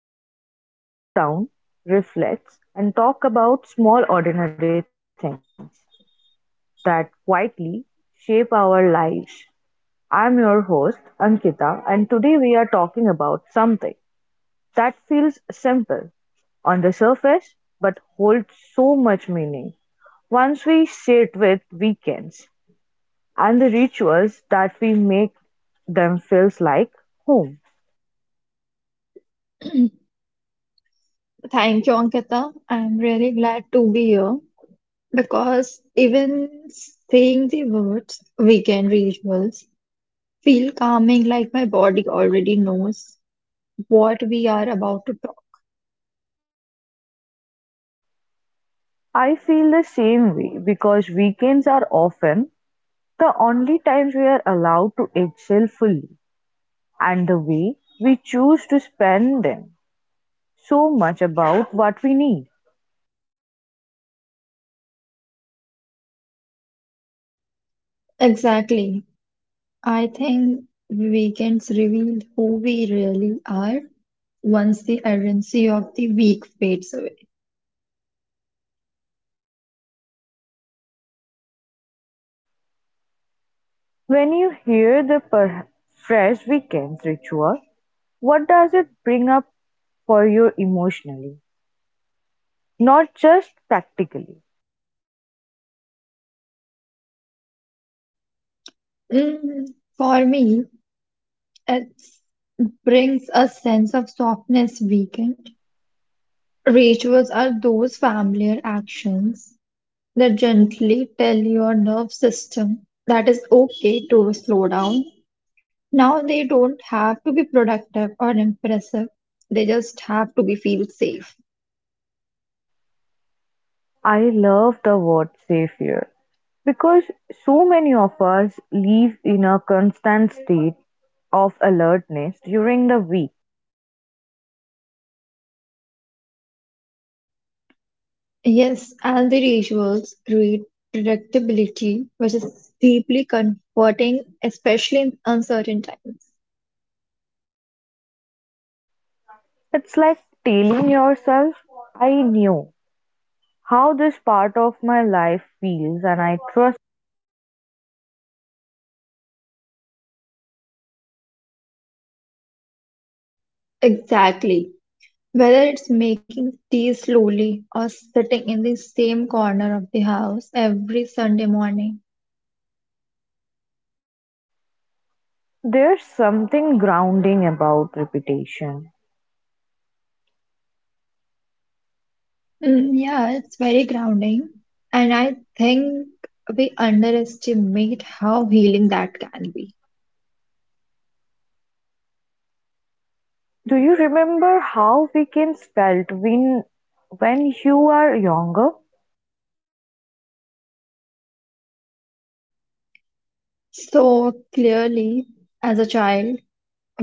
space where we slow down, reflect, and talk about small ordinary things that quietly shape our lives. I'm your host Ankita and today we are talking about something that feels simple on the surface but holds so much meaning. Once we sit with weekends and the rituals that we make them feels like home. Thank you, Ankita. I'm really glad to be here because even saying the words weekend rituals feel calming, like my body already knows what we are about to talk. I feel the same way because weekends are often the only times we are allowed to excel fully, and the way we choose to spend them so much about what we need. Exactly. I think weekends reveal who we really are once the urgency of the week fades away. When you hear the fresh weekends ritual, what does it bring up for you emotionally, not just practically? Mm, for me, it brings a sense of softness weekend Rituals are those familiar actions that gently tell your nerve system that it's okay to slow down. Now they don't have to be productive or impressive. They just have to be feel safe. I love the word safe here because so many of us live in a constant state of alertness during the week. Yes, and the rituals create predictability, which is deeply comforting, especially in uncertain times. It's like telling yourself, "I knew how this part of my life feels and I trust." Exactly. Whether it's making tea slowly or sitting in the same corner of the house every Sunday morning. There's something grounding about repetition. Mm, yeah, it's very grounding. And I think we underestimate how healing that can be. Do you remember how weekends felt when you were younger? So clearly, as a child,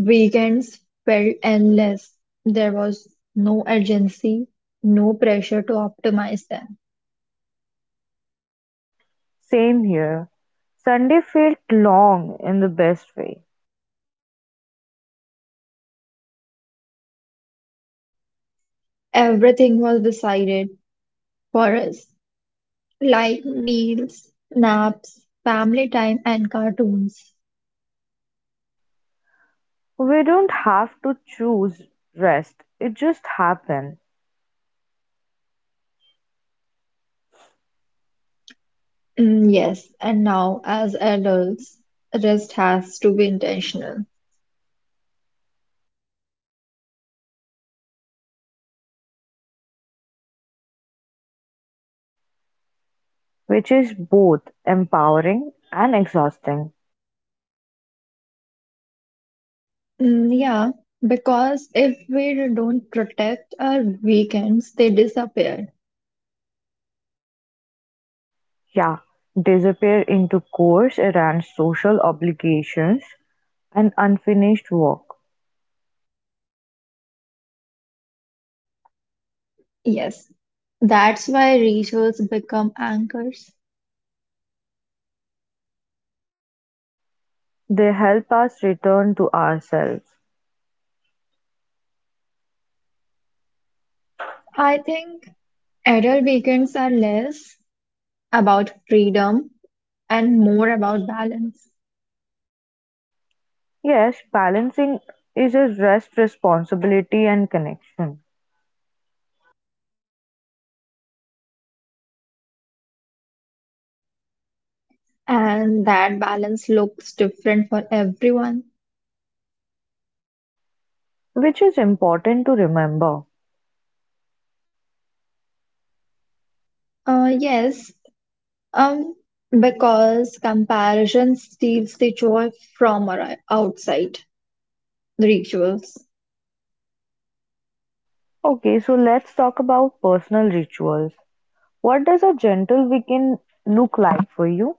weekends felt endless. There was no urgency, no pressure to optimize them. Same here. Sunday felt long in the best way. Everything was decided for us. Like meals, naps, family time, and cartoons. We don't have to choose rest. It just happened, Mm, yes, and now as adults, rest has to be intentional. which is both empowering and exhausting. Mm, yeah, because if we don't protect our weekends, they disappear. Yeah, disappear into chores and social obligations, and unfinished work. Yes, that's why rituals become anchors. They help us return to ourselves. I think adult weekends are less about freedom and more about balance. Yes, balancing is a rest, responsibility, and connection, And that balance looks different for everyone. which is important to remember. Yes, um, because comparison steals the joy from our outside rituals. Okay, so let's talk about personal rituals. What does a gentle weekend look like for you?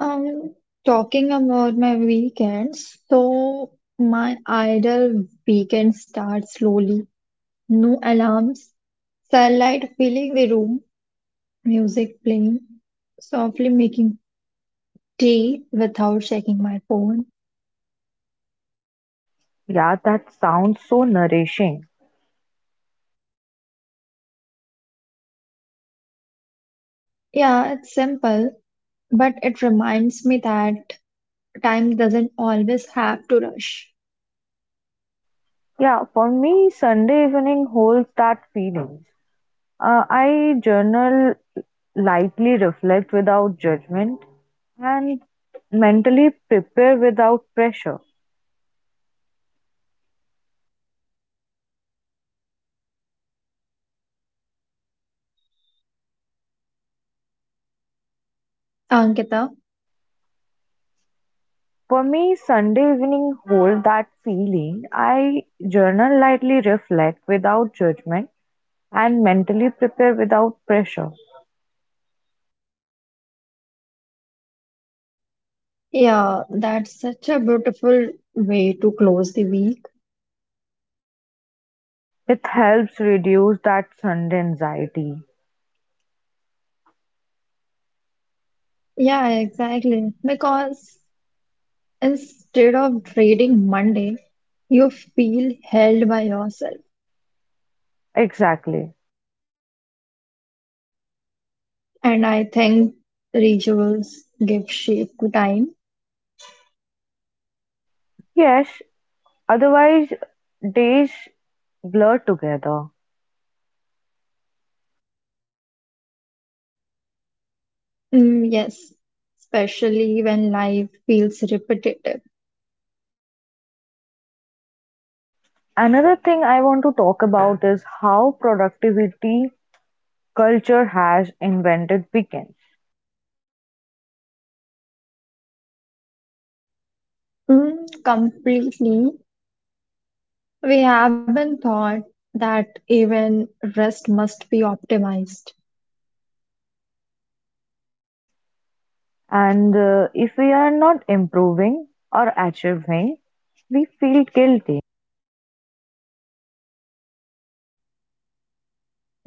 Um, Talking about my weekends, so my ideal weekend starts slowly. No alarms, sunlight filling the room, music playing, softly making tea without checking my phone. Yeah, that sounds so nourishing. Yeah, it's simple, but it reminds me that time doesn't always have to rush. Yeah, for me, Sunday evening holds that feeling. I journal, lightly reflect without judgment, and mentally prepare without pressure. Ankita, For me, Sunday evening hold that feeling. I journal, lightly reflect without judgment, and mentally prepare without pressure. yeah, that's such a beautiful way to close the week. It helps reduce that Sunday anxiety. Yeah, exactly. Because instead of dreading Monday, you feel held by yourself. Exactly. And I think rituals give shape to time. Yes, otherwise, days blur together. Mm, yes, especially when life feels repetitive. Another thing I want to talk about is how productivity culture has invented weekends, Mm, completely. We haven't thought that even rest must be optimized. and if we are not improving or achieving, we feel guilty.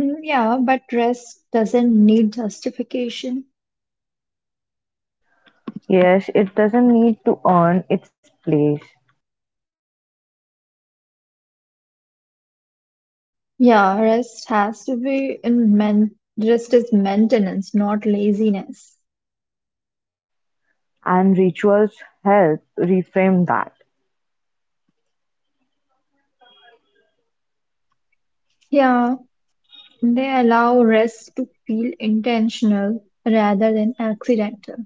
Mm, yeah, but rest doesn't need justification. Yes, it doesn't need to earn its place, Yeah, rest has to be in men rest is maintenance, not laziness. and rituals help reframe that, Yeah, they allow rest to feel intentional rather than accidental.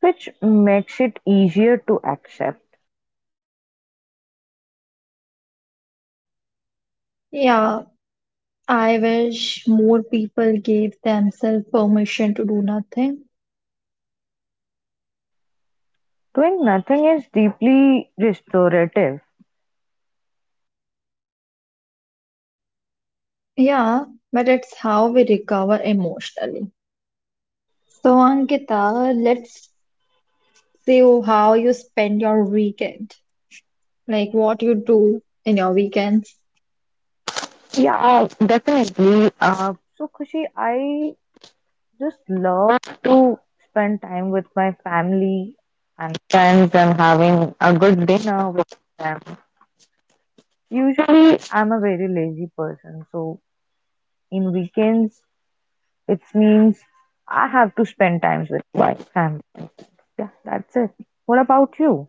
which makes it easier to accept. Yeah, I wish more people gave themselves permission to do nothing. Doing nothing is deeply restorative. Yeah, but it's how we recover emotionally. So, Ankita, let's see how you spend your weekend, like what you do in your weekends. Yeah, definitely. So, Khushi, I just love to spend time with my family and friends and having a good dinner with them. Usually, I'm a very lazy person, so in weekends, it means I have to spend times with my family. Yeah, that's it. What about you?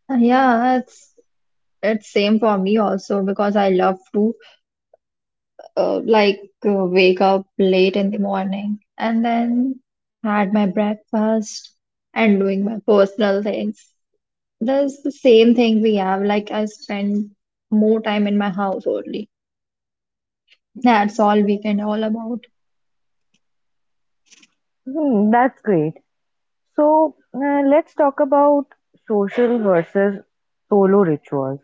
Yeah, it's same for me also because I love to like wake up late in the morning and then had my breakfast and doing my personal things. That's the same thing we have. Like I spend more time in my house only. That's all weekend all about. Hmm, that's great. So, let's talk about social versus solo rituals.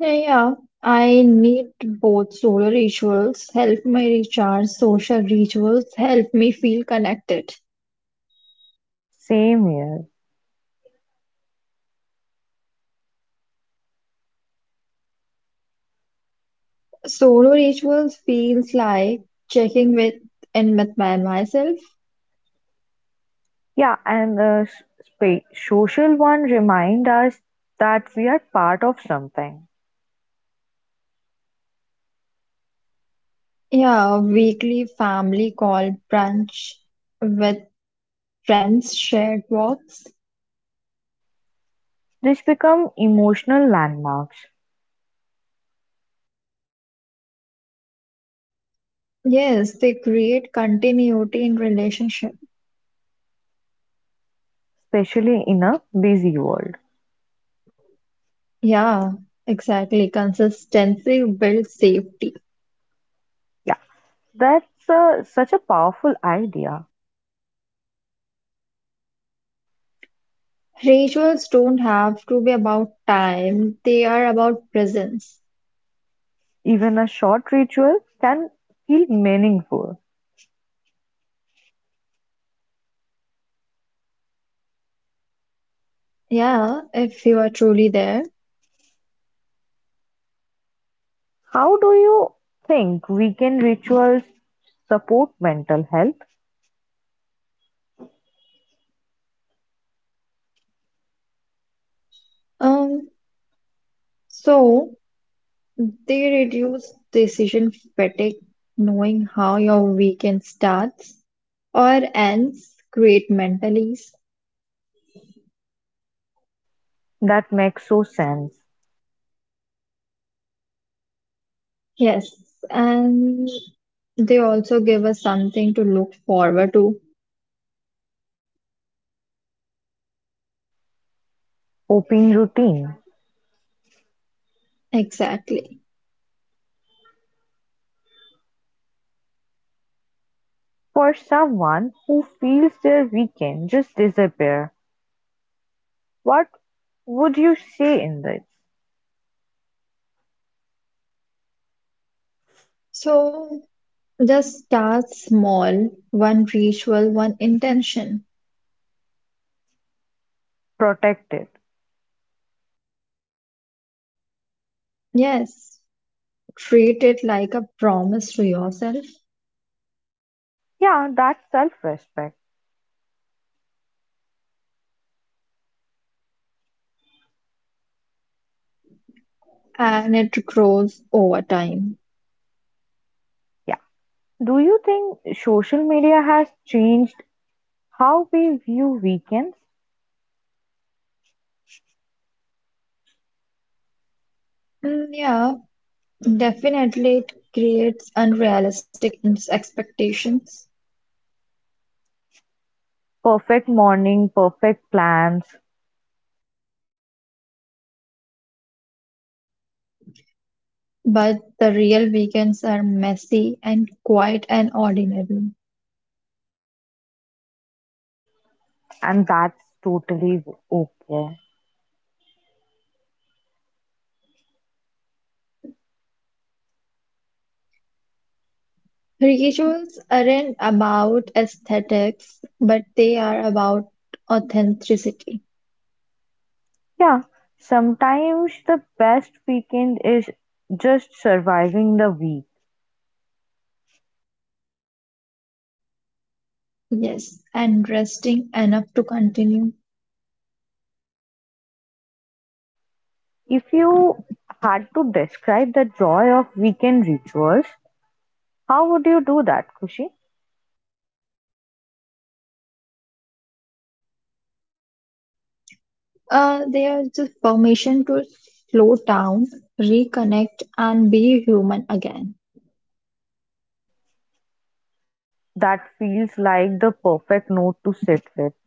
Yeah, I need both solar rituals help me recharge, social rituals help me feel connected. Same here. Solo rituals feels like checking with in with my myself. Yeah, and the spa social one remind us that we are part of something. Yeah, weekly family call brunch with friends, shared walks. This become emotional landmarks, Yes, they create continuity in relationship. especially in a busy world. Yeah, exactly. Consistency builds safety. Yeah, that's such a powerful idea. Rituals don't have to be about time, they are about presence. Even a short ritual can feel meaningful. Yeah, if you are truly there. How do you think weekend rituals support mental health? Um, so they reduce decision fatigue, knowing how your weekend starts or ends, create mental ease. That makes so sense. Yes, and they also give us something to look forward to. Hoping routine Exactly. for someone who feels their weekend just disappear. What would you say in this? So just start small, one ritual, one intention. Protect it. Yes, treat it like a promise to yourself Yeah, that's self-respect. and it grows over time. Yeah. Do you think social media has changed how we view weekends? Mm, yeah, definitely it creates expectations, Perfect morning, perfect plans, but the real weekends are messy and quiet and ordinary. and that's totally okay. Rituals aren't about aesthetics, but they are about authenticity. Yeah, sometimes the best weekend is just surviving the week. Yes, and resting enough to continue. If you had to describe the joy of weekend rituals, how would you do that, Kushi? They are the permission to slow down, reconnect, and be human again. That feels like the perfect note to sit with.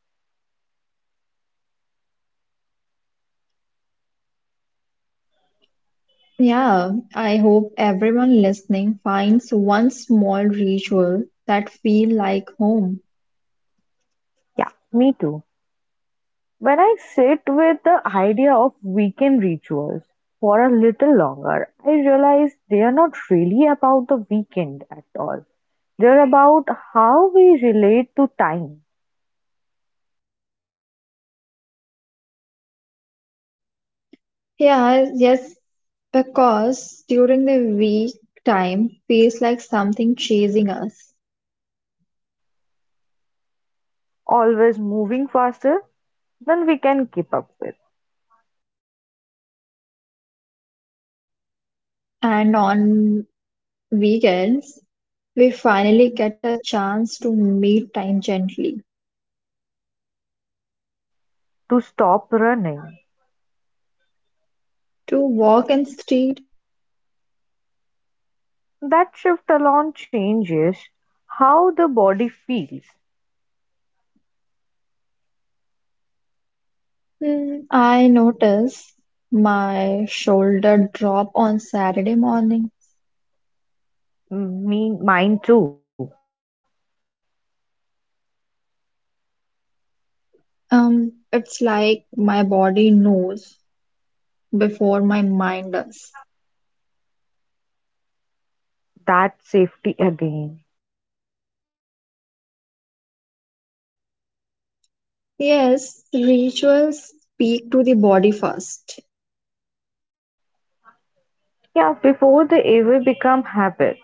Yeah, I hope everyone listening finds one small ritual that feel like home. Yeah, me too. When I sit with the idea of weekend rituals for a little longer, I realize they are not really about the weekend at all. They're about how we relate to time, Yeah, yes, because during the week time feels like something chasing us, always moving faster than we can keep up with. and on weekends we finally get a chance to meet time gently, To stop running, to walk in street. that shift alone changes how the body feels. Hmm. I notice my shoulder drop on Saturday morning. Me, mine too. It's like my body knows before my mind does. That safety again. Yes, rituals speak to the body first, Yeah, before they ever become habit,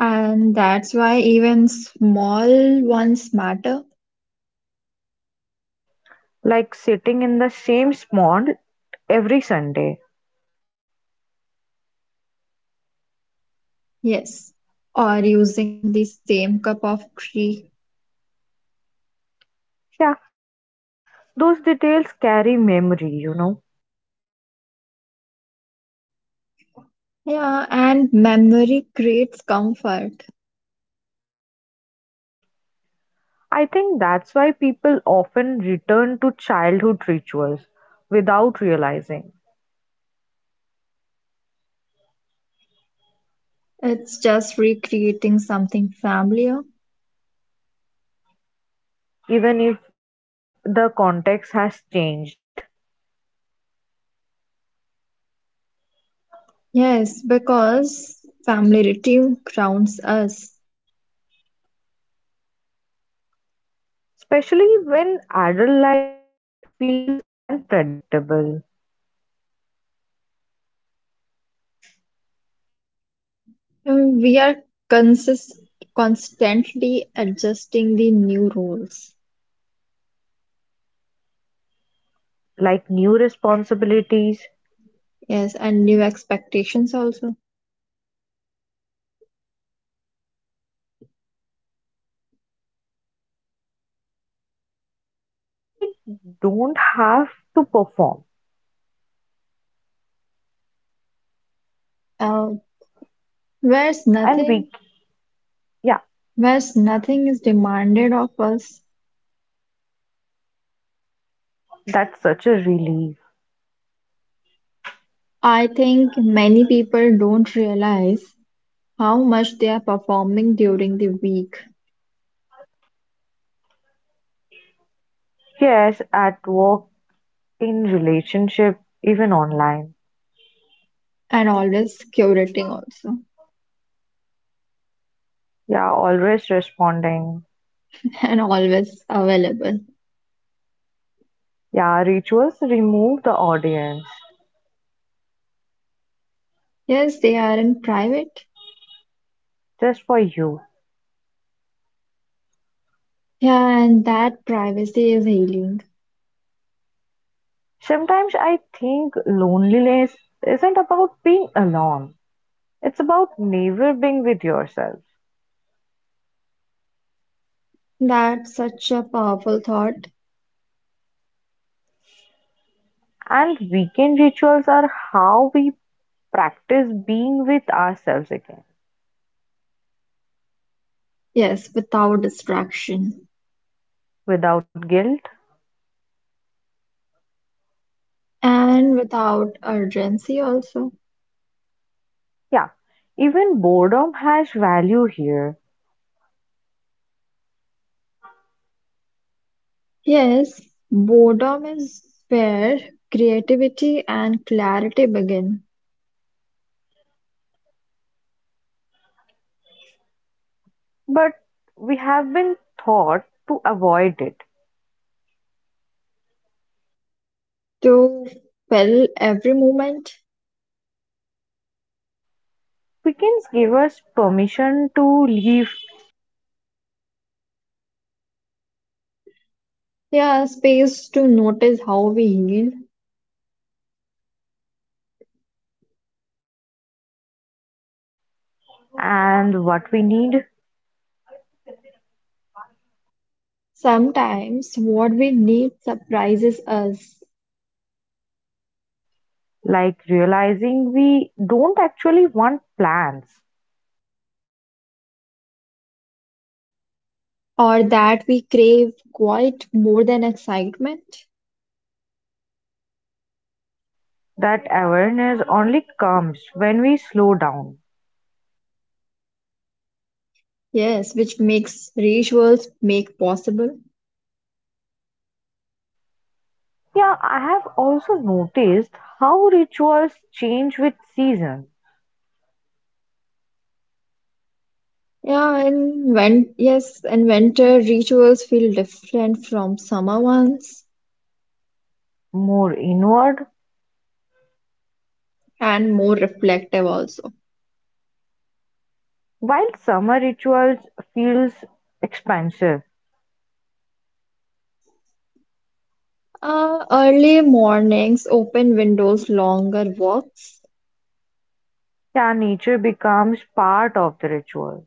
and that's why even small ones matter. like sitting in the same spot every Sunday. Yes, or using the same cup of tea. Yeah, those details carry memory, you know. Yeah, and memory creates comfort. I think that's why people often return to childhood rituals without realizing, It's just recreating something familiar. even if the context has changed. Yes, because familiarity grounds us. Especially when adult life feels unpredictable, And we are consist- constantly adjusting the new rules. like new responsibilities, Yes, and new expectations also. and weekend rituals become the one place where we don't have to perform. Uh, whereas And we, nothing, yeah, whereas nothing is demanded of us. that's such a relief. I think many people don't realize how much they are performing during the week Yes, at work, in relationship, even online. and always curating also Yeah, always responding. and always available. Yeah, rituals remove the audience Yes, they are in private. just for you. Yeah, and that privacy is healing. Sometimes I think loneliness isn't about being alone, it's about never being with yourself. That's such a powerful thought. And weekend rituals are how we practice being with ourselves again, Yes, without distraction without guilt. and without urgency, also. Yeah, even boredom has value here, Yes, boredom is where creativity and clarity begin but we have been taught to avoid it. to fill every moment. Weekends give us permission to leave Yeah, space to notice how we heal. and what we need, Sometimes what we need surprises us, like realizing we don't actually want plans. or that we crave quite more than excitement. That awareness only comes when we slow down. Yes, which makes rituals make possible. Yeah, I have also noticed how rituals change with season, Yeah, and when yes, and winter rituals feel different from summer ones more inward, and more reflective also. while summer rituals feels expansive. Early mornings, open windows, longer walks, Yeah, nature becomes part of the ritual.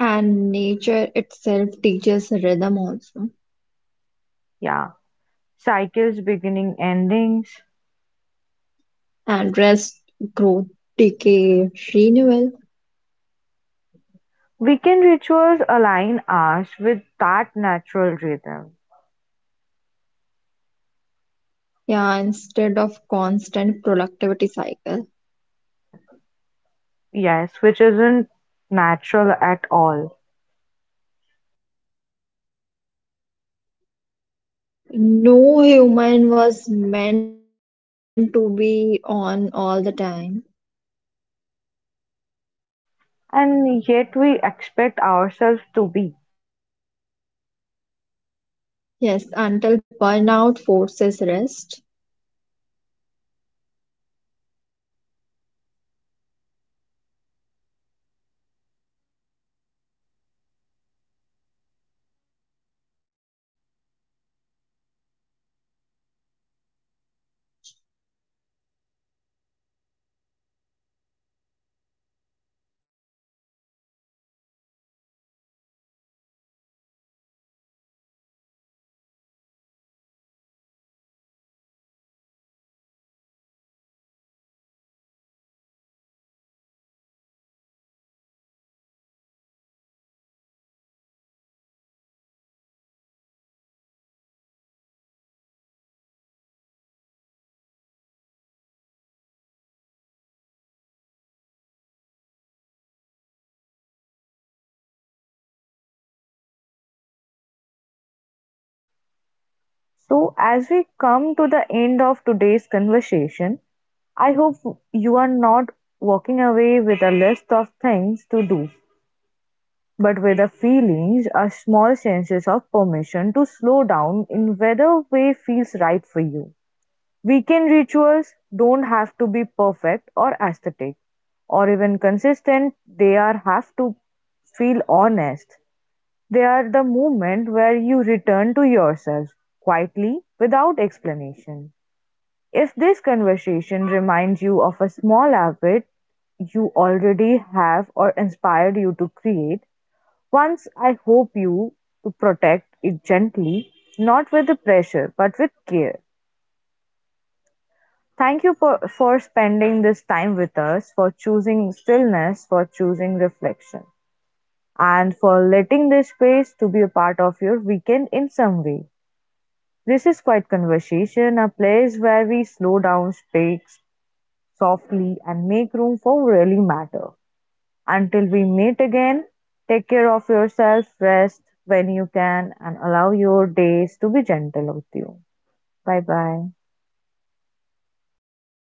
and nature itself teaches rhythm also. Yeah, cycles beginning endings. And rest, growth, decay, renewal. Weekend rituals align us with that natural rhythm. Yeah, instead of constant productivity cycle. Yes, which isn't natural at all. No human was meant to be on all the time. And yet we expect ourselves to be. Yes, until burnout forces rest. Rituals allow rest before burnout which is preventing care, Any question, emotional Ankita? maintenance, mental hygiene. I wish we spoke about rest of the way we speak about exercise. So as we come to the end of today's conversation, I hope you are not walking away with a list of things to do, but with the feelings, a small senses of permission to slow down in whether way feels right for you. Weekend rituals don't have to be perfect or aesthetic, or even consistent, they are have to feel honest. They are the moment where you return to yourself quietly without explanation. If this conversation reminds you of a small habit you already have or inspired you to create, once I hope you to protect it gently, not with the pressure but with care. Thank you for spending this time with us, for choosing stillness, for choosing reflection, and for letting this space to be a part of your weekend in some way. This is Quiet Conversation, a place where we slow down, speak softly, and make room for really matter. Until we meet again, take care of yourself, rest when you can, and allow your days to be gentle with you. Bye bye.